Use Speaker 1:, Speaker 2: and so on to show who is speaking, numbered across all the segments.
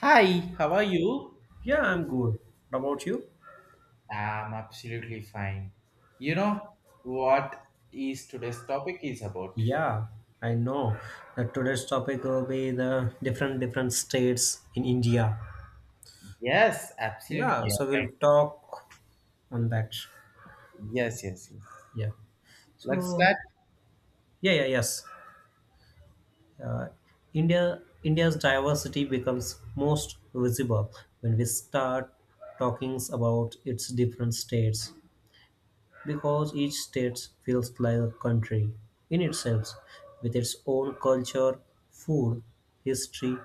Speaker 1: Hi, how are you?
Speaker 2: Yeah, I'm good. What about you?
Speaker 1: I'm absolutely fine. You know what is today's topic is about?
Speaker 2: Yeah, I know that today's topic will be the different states in India.
Speaker 1: Yes,
Speaker 2: Yeah,
Speaker 1: absolutely.
Speaker 2: so we'll talk on that.
Speaker 1: Yeah. Yes, yes, yes.
Speaker 2: Yeah.
Speaker 1: Let's
Speaker 2: So
Speaker 1: start.
Speaker 2: yeah, yeah, yes. Uh, India's diversity becomes most visible when we start talking about its different states. Because each state feels like a country in itself, with its own culture, food, history,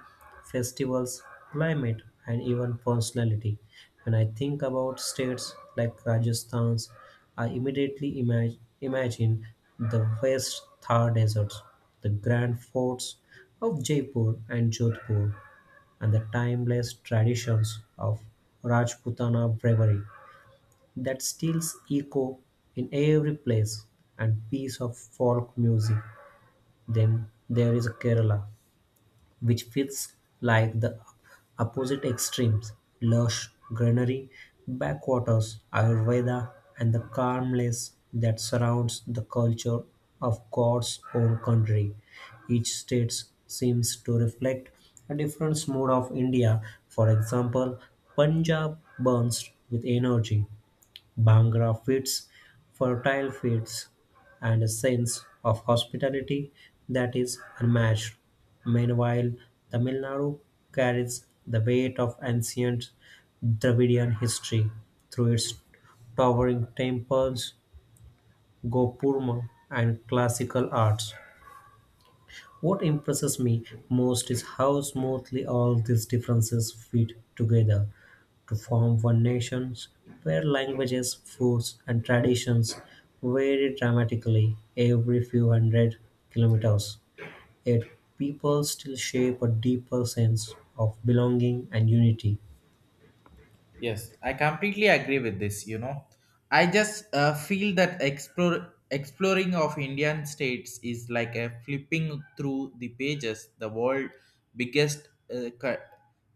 Speaker 2: festivals, climate, and even personality. When I think about states like Rajasthan's, I immediately imagine the vast Thar deserts, the grand forts of Jaipur and Jodhpur, and the timeless traditions of Rajputana bravery that steals echo in every place and piece of folk music. Then there is Kerala, which feels like the opposite extremes lush greenery, backwaters, Ayurveda, and the calmness that surrounds the culture of God's own country. Each state seems to reflect a different mood of India. For example, Punjab burns with energy, Bhangra fits fertile fields and a sense of hospitality that is unmatched. Meanwhile, Tamil Nadu carries the weight of ancient Dravidian history through its towering temples, Gopurma, and classical arts. What impresses me most is how smoothly all these differences fit together to form one nation where languages, foods, and traditions vary dramatically every few hundred kilometers. Yet people still shape a deeper sense of belonging and unity.
Speaker 1: Yes, I completely agree with this, you know. I just feel that explore exploring of Indian states is like a flipping through the pages the world biggest uh, cu-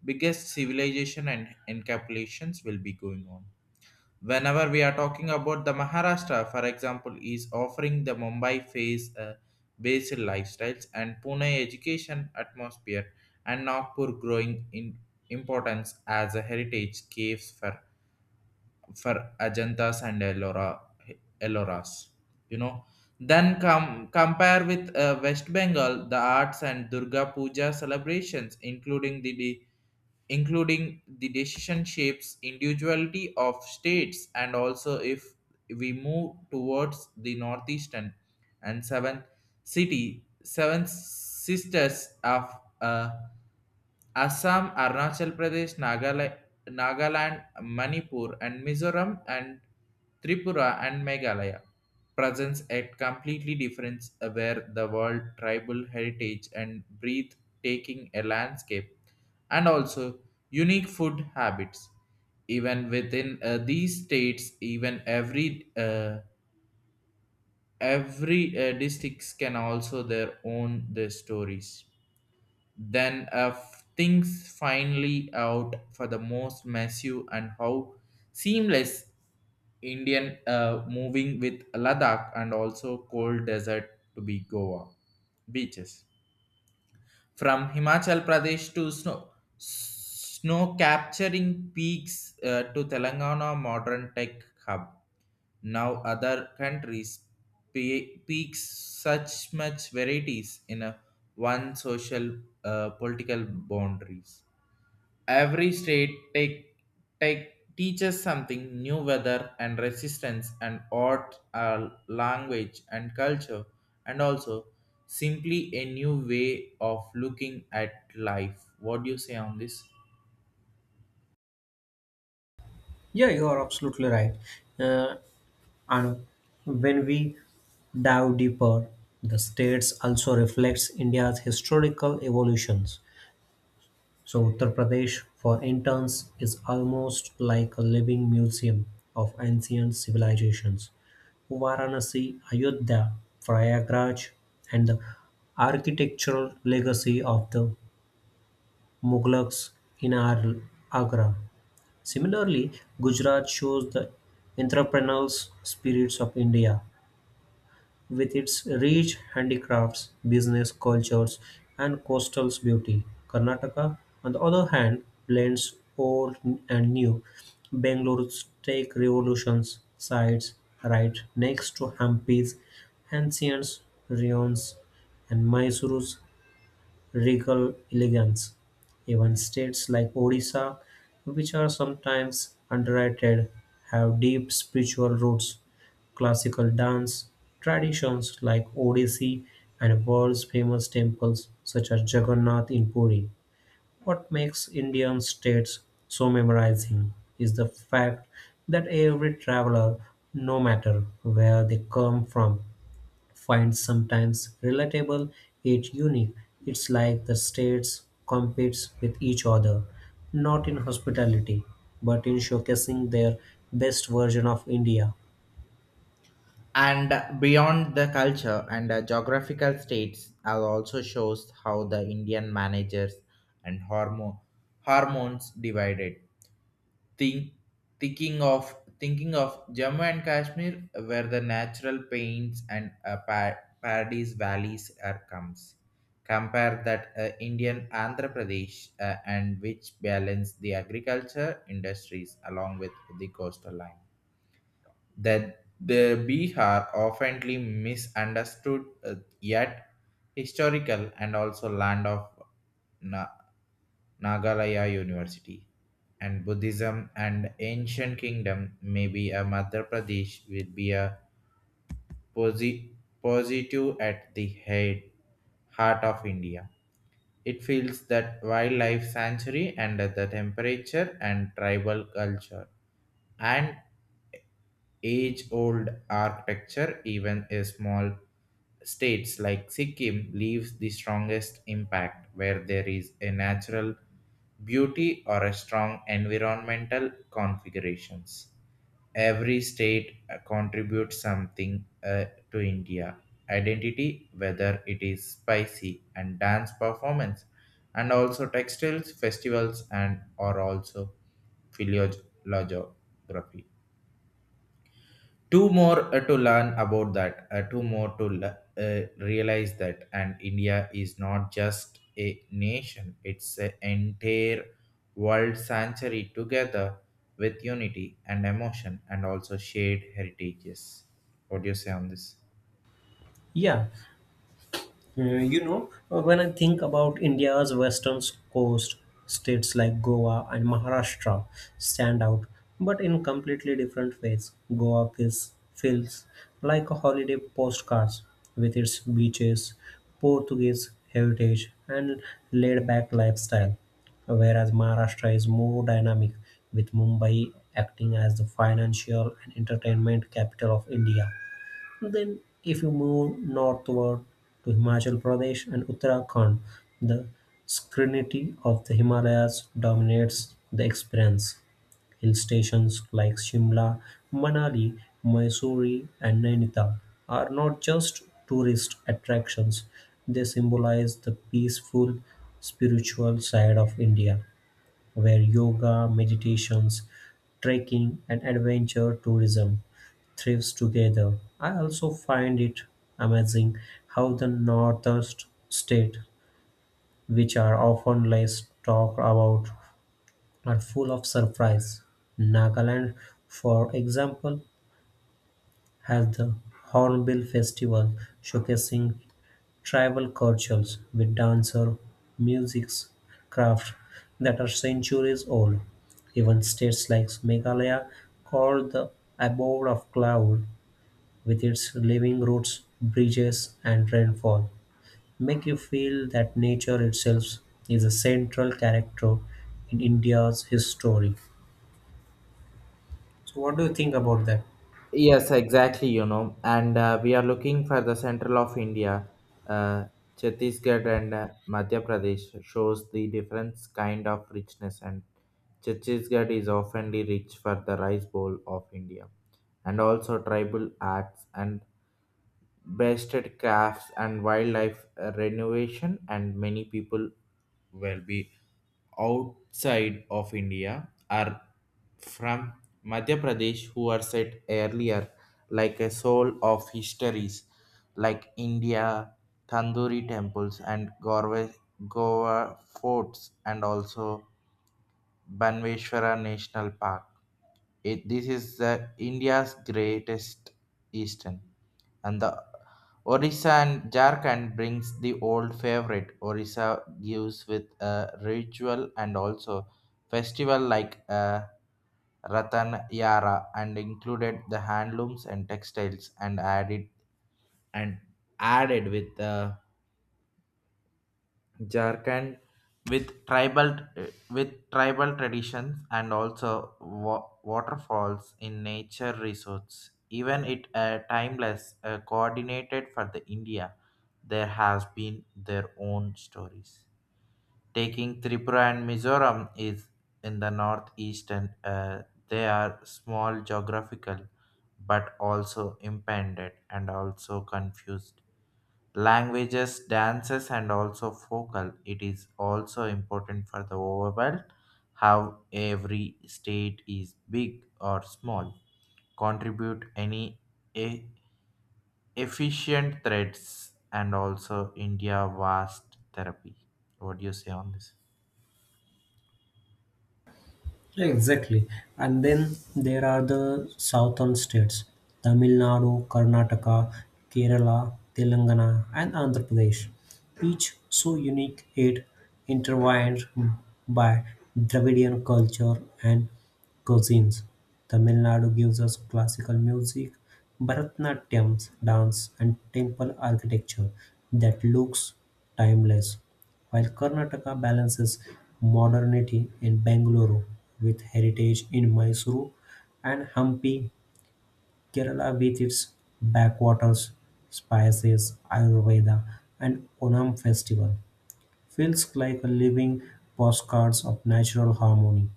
Speaker 1: biggest civilization and encapsulations will be going on whenever we are talking about the maharashtra for example is offering the mumbai phase based lifestyles and pune education atmosphere and nagpur growing in importance as a heritage caves for ajantas and ellora elloras, you know. Then come compare with west bengal the arts and durga puja celebrations including the including the decision shapes individuality of states, and also if we move towards the northeastern and seven sisters of uh, Assam, Arunachal Pradesh, Nagaland, Manipur, and Mizoram, and Tripura and Meghalaya presents a completely different where the world tribal heritage and breathe taking a landscape and also unique food habits, even within these states, even every districts can also their own the stories. Then things finally out for the most massive and how seamless Indian moving with Ladakh and also cold desert to be Goa beaches. From Himachal Pradesh to snow capturing peaks to Telangana modern tech hub. Now other countries peaks such much varieties in a one social political boundaries. Every state take teaches something new weather and resistance and art, language and culture, and also simply a new way of looking at life. What do you say on this?
Speaker 2: Yeah, you are absolutely right. Uh, and when we dive deeper, the states also reflects India's historical evolutions. So Uttar Pradesh for interns is almost like a living museum of ancient civilizations. Varanasi, Ayodhya, Prayagraj, and the architectural legacy of the Mughlaks in Agra. Similarly, Gujarat shows the entrepreneurial spirits of India with its rich handicrafts, business cultures, and coastal beauty. Karnataka, on the other hand, blends old and new. Bangalore's take revolutions sites right next to Hampi's ancient ruins and Mysore's regal elegance. Even states like Odisha, which are sometimes underrated, have deep spiritual roots. Classical dance traditions like Odissi and world's famous temples such as Jagannath in Puri. What makes Indian states so memorizing is the fact that every traveler, no matter where they come from, find sometimes relatable yet unique. It's like the states competes with each other, not in hospitality, but in showcasing their best version of India.
Speaker 1: And beyond the culture and geographical, states are also shows how the indian managers and hormones divided. think Thinking of jammu and kashmir where the natural paints and paradise valleys are comes. Compare that, indian andhra pradesh, and which balance the agriculture industries along with the coastal line, that the Bihar oftenly misunderstood, yet historical and also land of Na- Nagalaya University and Buddhism and ancient kingdom, maybe a Madhya Pradesh will be a posi- positive at the head heart of India. It feels that wildlife sanctuary and the temperature and tribal culture and age old architecture, even a small states like Sikkim leaves the strongest impact where there is a natural beauty or a strong environmental configurations. Every state contributes something to India identity, whether it is spicy and dance performance, and also textiles, festivals, and or also philolog- two more to learn about that, two more to uh, realize that, and india is not just a nation, it's an entire world sanctuary together with unity and emotion and also shared heritages. What do you say on this?
Speaker 2: Yeah, Mm, you know, when I think about India's western coast, states like Goa and Maharashtra stand out, but in completely different ways. Goa feels like a holiday postcard with its beaches, Portuguese heritage, and laid back lifestyle, whereas Maharashtra is more dynamic, with Mumbai acting as the financial and entertainment capital of India. Then, if you move northward to Himachal Pradesh and Uttarakhand, the serenity of the Himalayas dominates the experience. Hill stations like Shimla, Manali, Mysore, and Nainital are not just tourist attractions, they symbolize the peaceful spiritual side of India where yoga, meditations, trekking, and adventure tourism thrives together. I also find it amazing how the northeast states, which are often less talked about, are full of surprise. Nagaland, for example, has the Hornbill Festival, showcasing Tribal cultures with dances, music's crafts that are centuries old. Even states like Meghalaya called the abode of cloud with its living roots, bridges and rainfall make you feel that nature itself is a central character in India's history. So what do you think about that?
Speaker 1: Yes, exactly, you know, and we are looking for the central of India. uh, Chhattisgarh and Madhya Pradesh shows the different kind of richness, and Chhattisgarh is oftenly rich for the rice bowl of India and also tribal arts and bested crafts and wildlife renovation, and many people will be outside of India are from Madhya Pradesh who are set earlier like a soul of histories like India, Tandoori temples and Gorwa, Goa forts and also Banveshwara National Park. This is the India's greatest eastern, and the Orissa and Jharkhand brings the old favorite. Orissa gives with a ritual and also festival like Ratan Yara, and included the handlooms and textiles and added, and added with the Jharkhand with tribal with tribal traditions and also waterfalls in nature resorts. Even it timeless coordinated for the India, there has been their own stories. Taking Tripura and Mizoram is in the northeast, and they are small geographical, but also impeded and also confused languages, dances, and also focal. It is also important for the overall how every state, is big or small, contribute any e- efficient threats, and also India vast therapy. What do you say on this?
Speaker 2: Exactly. And then there are the southern states Tamil Nadu, Karnataka, Kerala, Telangana, and Andhra Pradesh, each so unique yet intertwined by Dravidian culture and cuisines. Tamil Nadu gives us classical music, Bharatanatyam dance, and temple architecture that looks timeless. While Karnataka balances modernity in Bangalore with heritage in Mysuru, and Hampi, Kerala with its backwaters, spices, Ayurveda, and Onam festival, feels like a living postcards of natural harmony.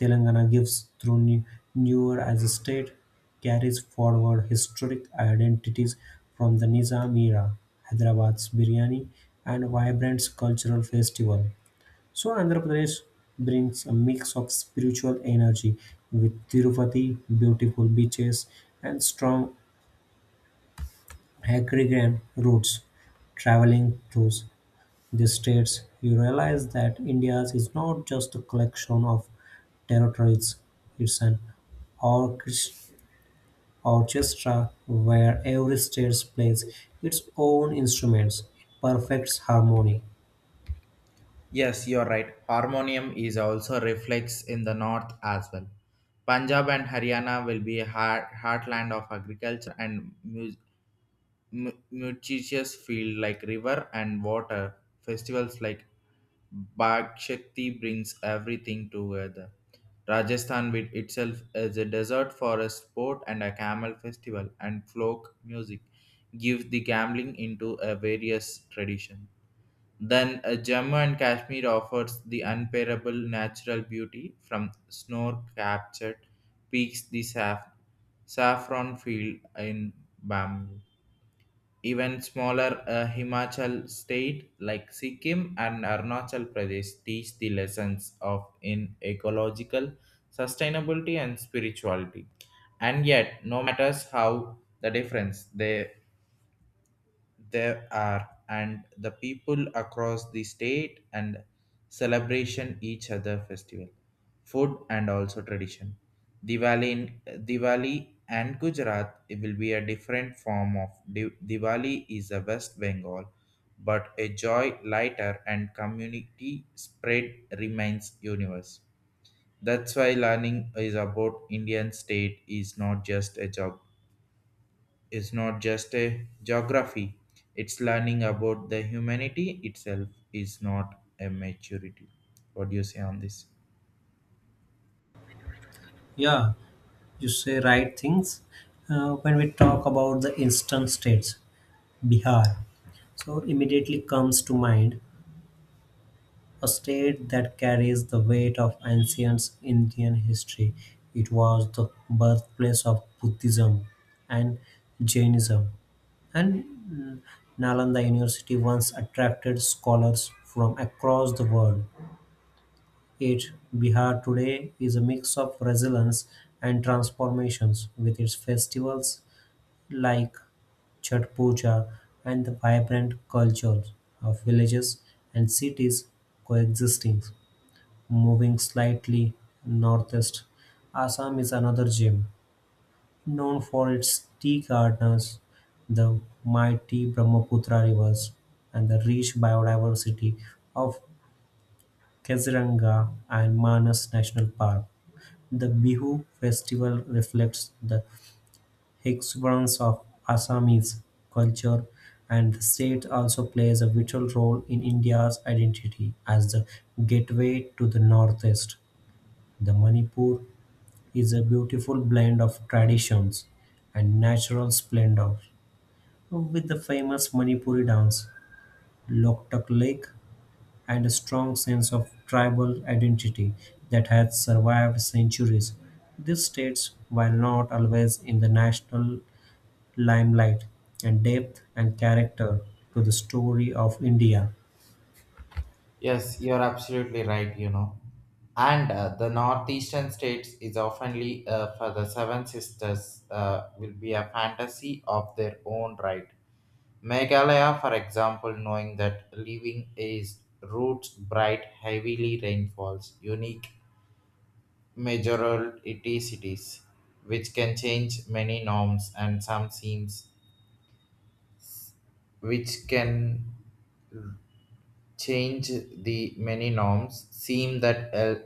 Speaker 2: Telangana gives through newer as a state carries forward historic identities from the Nizam era, Hyderabad's biryani, and vibrant cultural festival. So Andhra Pradesh brings a mix of spiritual energy with Tirupati, beautiful beaches, and strong agrarian roots. Traveling through the states, you realize that India is not just a collection of territories; it's an orchest- orchestra where every state plays its own instruments in perfect harmony.
Speaker 1: Yes, you're right. Harmonium is also reflects in the north as well. Punjab and Haryana will be a heartland of agriculture and music. Nutritious field like river and water festivals like Bag Shakti brings everything together. Rajasthan with itself as a desert forest sport and a camel festival and folk music gives the gambling into a various tradition. Then Jammu and Kashmir offers the unparable natural beauty from snow captured peaks, the saffron field in bamboo. Even smaller Himachal state like Sikkim and Arunachal Pradesh teach the lessons of in ecological sustainability and spirituality. And yet, no matters how the difference, they there are, and the people across the state and celebration each other festival, food and also tradition. Diwali in Diwali and Gujarat it will be a different form of Diwali is a West Bengal, but a joy lighter and community spread remains universe. That's why learning is about Indian state is not just a job, is not just a geography, it's learning about the humanity itself, is not a maturity. What do you say on this?
Speaker 2: Yeah, you say right things when we talk about the instant states Bihar so immediately comes to mind a state that carries the weight of ancient Indian history. It was the birthplace of Buddhism and Jainism, and Nalanda University once attracted scholars from across the world. It Bihar today is a mix of resilience and transformations with its festivals like Chhath Puja and the vibrant cultures of villages and cities coexisting. Moving slightly northeast, Assam is another gem, known for its tea gardens, the mighty Brahmaputra rivers, and the rich biodiversity of Kaziranga and Manas National Park. The Bihu festival reflects the exuberance of Assamese culture and the state also plays a vital role in India's identity as the gateway to the northeast. The Manipur is a beautiful blend of traditions and natural splendor, with the famous Manipuri dance, Loktak Lake, and a strong sense of tribal identity that has survived centuries. These states, while not always in the national limelight, and depth and character to the story of India.
Speaker 1: Yes, you're absolutely right, you know. And the northeastern states is oftenly for the seven sisters will be a fantasy of their own right. Meghalaya, for example, knowing that living is roots bright, heavily rainfalls, unique majority cities, which can change many norms and some seems, which can change the many norms seem that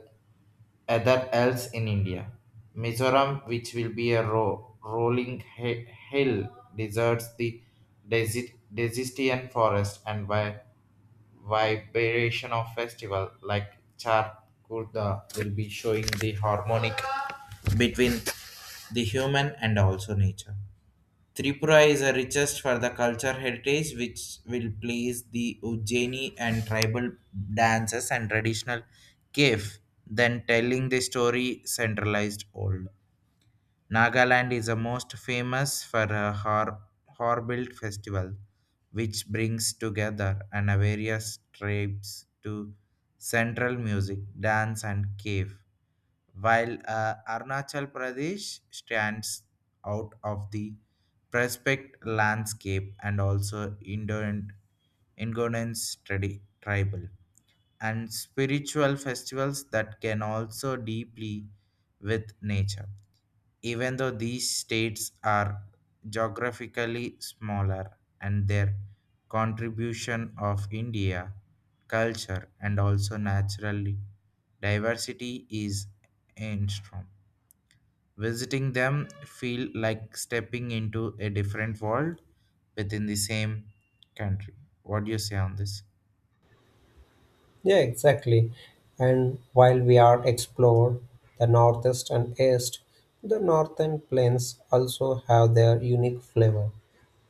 Speaker 1: other else in India. Mizoram, which will be a rolling hill, deserts the desistian forest, and by vibration of festival like Char Kurda will be showing the harmonic between the human and also nature. Tripura is a richest for the culture heritage, which will place the Ujjaini and tribal dances and traditional cave, then telling the story centralized old. Nagaland is the most famous for a hornbill festival, which brings together and various tribes to central music, dance, and cave, while Arunachal Pradesh stands out of the prospect landscape and also Indian Ingonians tribal and spiritual festivals that can also deeply with nature. Even though these states are geographically smaller, and their contribution of india culture and also naturally diversity is enormous, visiting them feel like stepping into a different world within the same country. What do you say on this?
Speaker 2: Yeah, exactly. And while we are explore the northeast and east, the northern plains also have their unique flavor.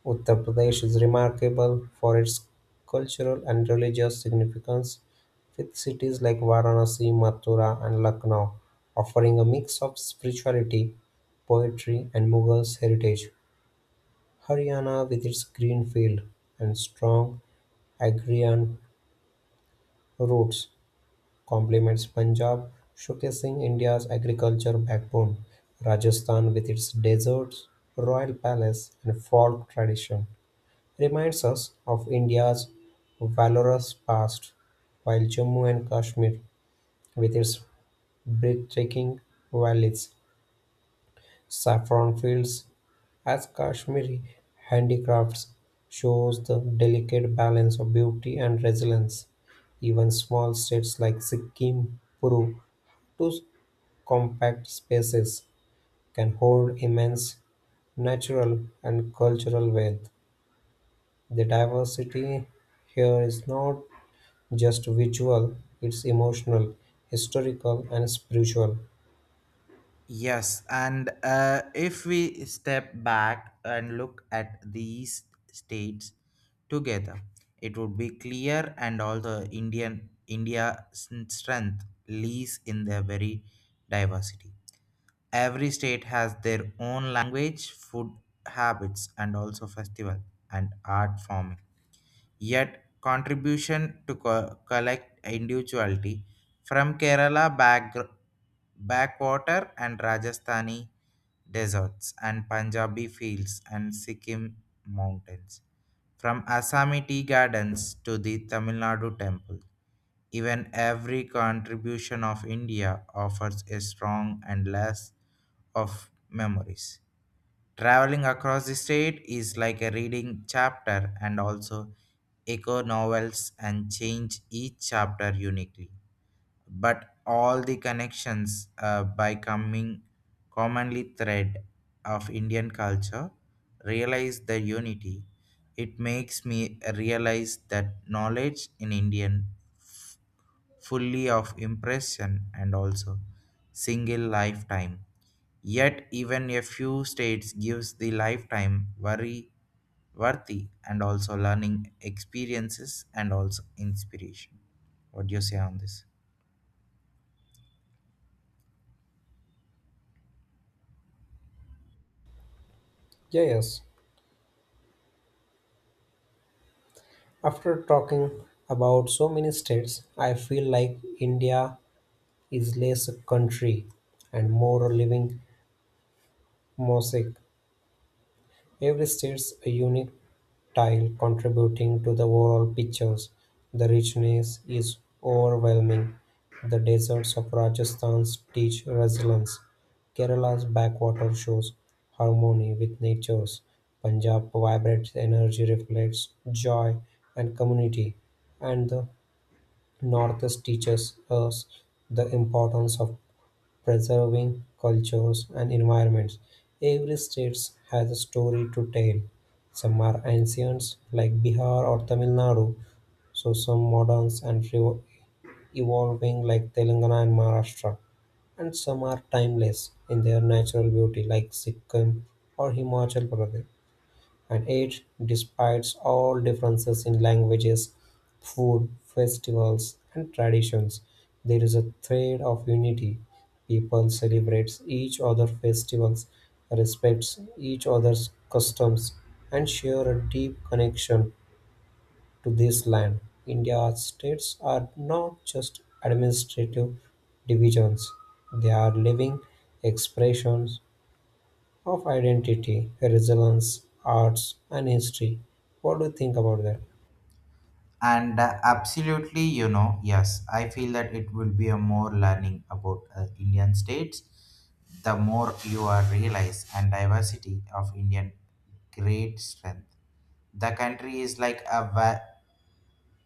Speaker 2: Uttar Pradesh is remarkable for its cultural and religious significance, with cities like Varanasi, Mathura, and Lucknow offering a mix of spirituality, poetry, and Mughals heritage. Haryana with its green fields and strong agrarian roots complements Punjab, showcasing India's agricultural backbone. Rajasthan with its deserts, royal palace and folk tradition reminds us of India's valorous past, while Jammu and Kashmir with its breathtaking valleys, saffron fields as Kashmiri handicrafts shows the delicate balance of beauty and resilience. Even small states like Sikkim, Peru, two compact spaces can hold immense natural and cultural wealth. The diversity here is not just visual, it's emotional, historical, and spiritual.
Speaker 1: Yes, and if we step back and look at these states together, it would be clear and also Indian India's strength lies in their very diversity. Every state has their own language, food habits, and also festival and art forming, yet contribution to collect individuality, from Kerala backwater and Rajasthani deserts and Punjabi fields and Sikkim mountains. From Assami tea gardens to the Tamil Nadu temple, even every contribution of India offers a strong and less of memories. Traveling across the state is like a reading chapter and also echo novels and change each chapter uniquely. But all the connections by coming commonly thread of Indian culture realize the unity. It makes me realize that knowledge in Indian fully of impression and also single lifetime. Yet even a few states gives the lifetime worry worthy and also learning experiences and also inspiration. What do you say on this?
Speaker 2: Yeah, yes. After talking about so many states, I feel like India is less a country and more a living mosaic. Every state's a unique tile contributing to the overall pictures. The richness is overwhelming. The deserts of Rajasthan teach resilience. Kerala's backwater shows harmony with nature's. Punjab vibrates energy, reflects joy and community. And the Northeast teaches us the importance of preserving cultures and environments. Every state has a story to tell. Some are ancient, like Bihar or Tamil Nadu, so some moderns and evolving, like Telangana and Maharashtra, and some are timeless in their natural beauty, like Sikkim or Himachal Pradesh. And yet, despite all differences in languages, food, festivals, and traditions, there is a thread of unity. People celebrate each other's festivals, respects each other's customs, and share a deep connection to this land. India's states are not just administrative divisions, they are living expressions of identity, resonance, arts, and history. What do you think about that?
Speaker 1: And absolutely, you know, yes, I feel that it will be a more learning about indian states, the more you are realize and diversity of indian great strength. The country is like a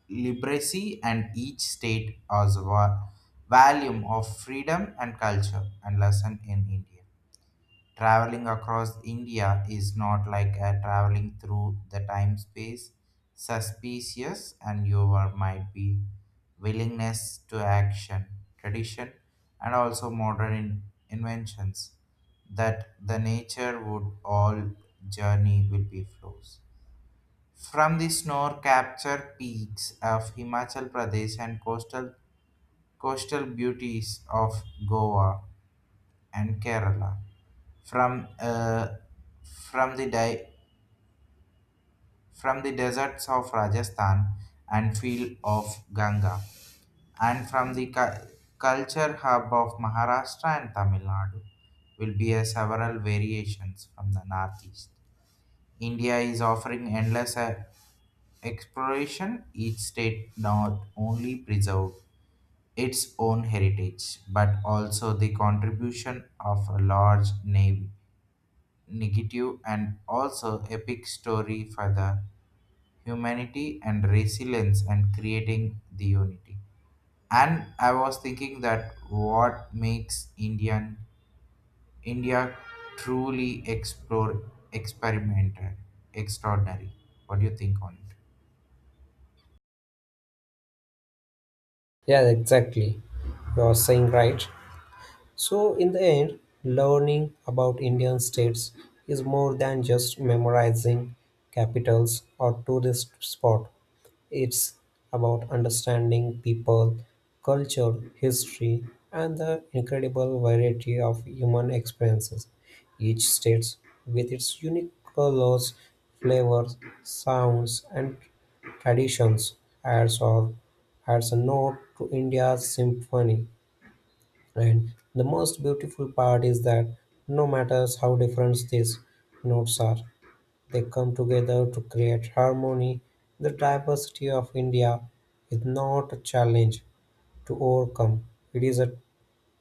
Speaker 1: liberacy, and each state as a volume of freedom and culture and lesson in India. Traveling across India is not like a traveling through the time space, suspicious and your might be willingness to action, tradition, and also modern inventions, that the nature would all journey will be flows from the snow-capped peaks of Himachal Pradesh and coastal beauties of Goa and Kerala, from, uh, from, the di- from the deserts of Rajasthan and field of Ganga, and from the culture hub of Maharashtra and Tamil Nadu, will be a several variations from the northeast. India is offering endless exploration. Each state not only preserve its own heritage but also the contribution of a large name negative and also epic story for the humanity and resilience and creating the unity. And I was thinking that what makes India truly explore experimented extraordinary. What do you think on it?
Speaker 2: Yeah, exactly. You are saying right. So, in the end, learning about Indian states is more than just memorizing capitals or tourist spot. It's about understanding people, culture, history, and the incredible variety of human experiences. Each state, with its unique colors, flavors, sounds, and traditions, adds or adds a note to India's symphony. And the most beautiful part is that no matter how different these notes are, they come together to create harmony. The diversity of India is not a challenge to overcome, it is a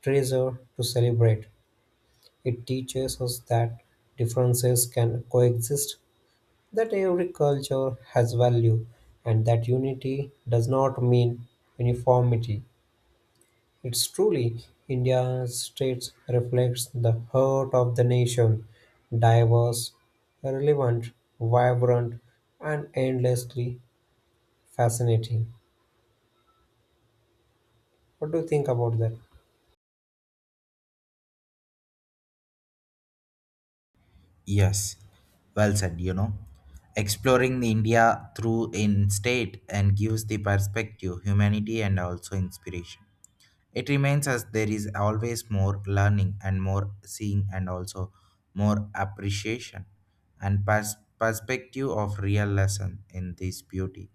Speaker 2: treasure to celebrate. It teaches us that differences can coexist, that every culture has value, and that unity does not mean uniformity. It's truly India's States reflects the heart of the nation, diverse, relevant, vibrant, and endlessly fascinating. What do you think about that?
Speaker 1: Yes, well said, you know. Exploring the India through in state and gives the perspective, humanity and also inspiration. It remains as there is always more learning and more seeing and also more appreciation and perspective of real lesson in this beauty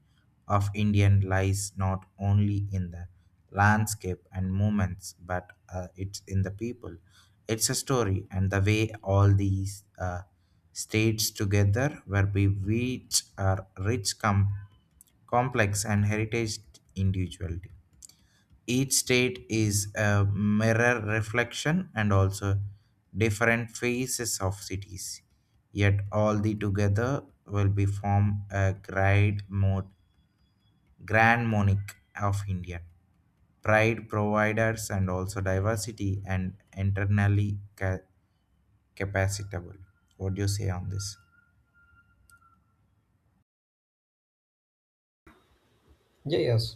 Speaker 1: of Indian lies not only in the landscape and movements, but it's in the people. It's a story, and the way all these states together where we which are rich come complex and heritage individuality, each state is a mirror reflection and also different phases of cities, yet all the together will be form a grand monarch of india pride providers and also diversity and internally capacitable. What do you say on this?
Speaker 2: Yeah, yes.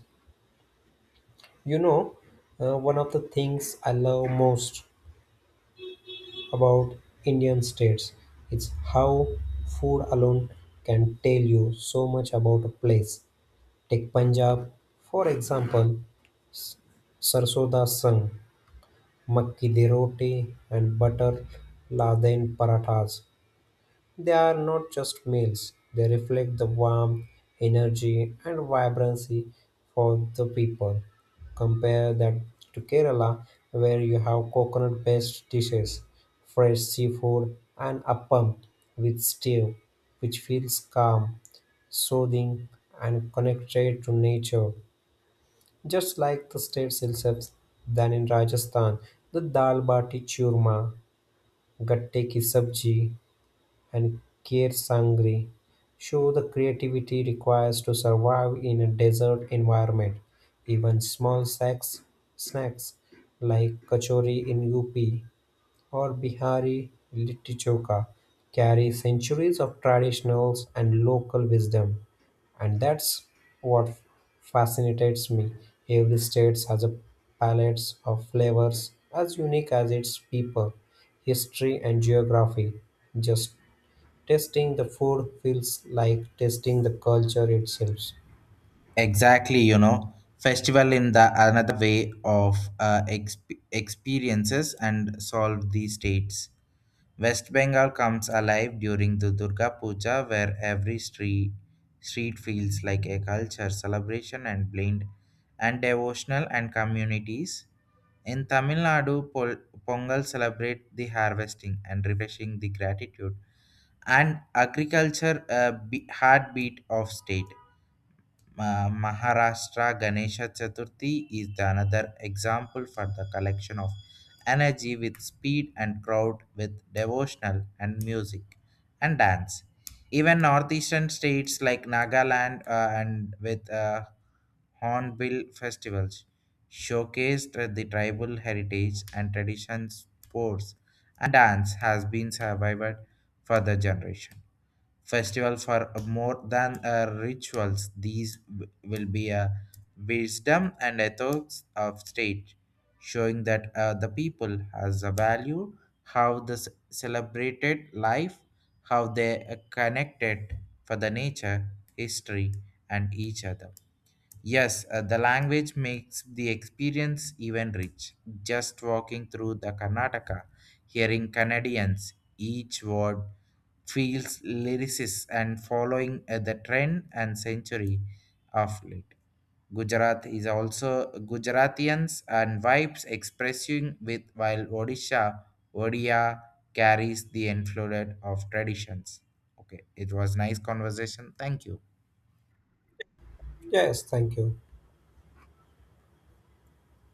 Speaker 2: You know, one of the things I love most about Indian states is how food alone can tell you so much about a place. Take Punjab, for example, Sarsoda Sangh. Makki di roti and butter laden parathas. They are not just meals, they reflect the warmth, energy, and vibrancy for the people. Compare that to Kerala, where you have coconut based dishes, fresh seafood, and appam with stew, which feels calm, soothing, and connected to nature. Just like the states themselves, then in Rajasthan, the dal bati churma, gatte ki sabji, and kheer sangri show the creativity requires to survive in a desert environment. Even snacks like kachori in UP or Bihari Litti-Choka carry centuries of traditionals and local wisdom, and that's what fascinates me. Every state has a palette of flavors as unique as its people, history, and geography. Just tasting the food feels like tasting the culture itself.
Speaker 1: Exactly, you know, festival in the another way of experiences and solve these states. West Bengal comes alive during the Durga Puja, where street feels like a culture celebration and blend and devotional and communities. In Tamil Nadu, Pongal celebrate the harvesting and refreshing the gratitude and agriculture, heartbeat of state. Maharashtra Ganesha Chaturthi is the another example for the collection of energy with speed and crowd with devotional and music and dance. Even northeastern states like Nagaland and with hornbill festivals showcased the tribal heritage and traditions sports and dance has been survived for the generation festival for more than rituals. These will be a wisdom and ethics of state, showing that, the people has a value, how the celebrated life, how they are connected for the nature, history, and each other. Yes, the language makes the experience even rich. Just walking through the Karnataka, hearing Canadians, each word feels lyricist and following the trend and century of late. Gujarat is also Gujaratians and vibes expressing with, while Odisha, Odia carries the influence of traditions. Okay, it was nice conversation. Thank you.
Speaker 2: Yes, thank you.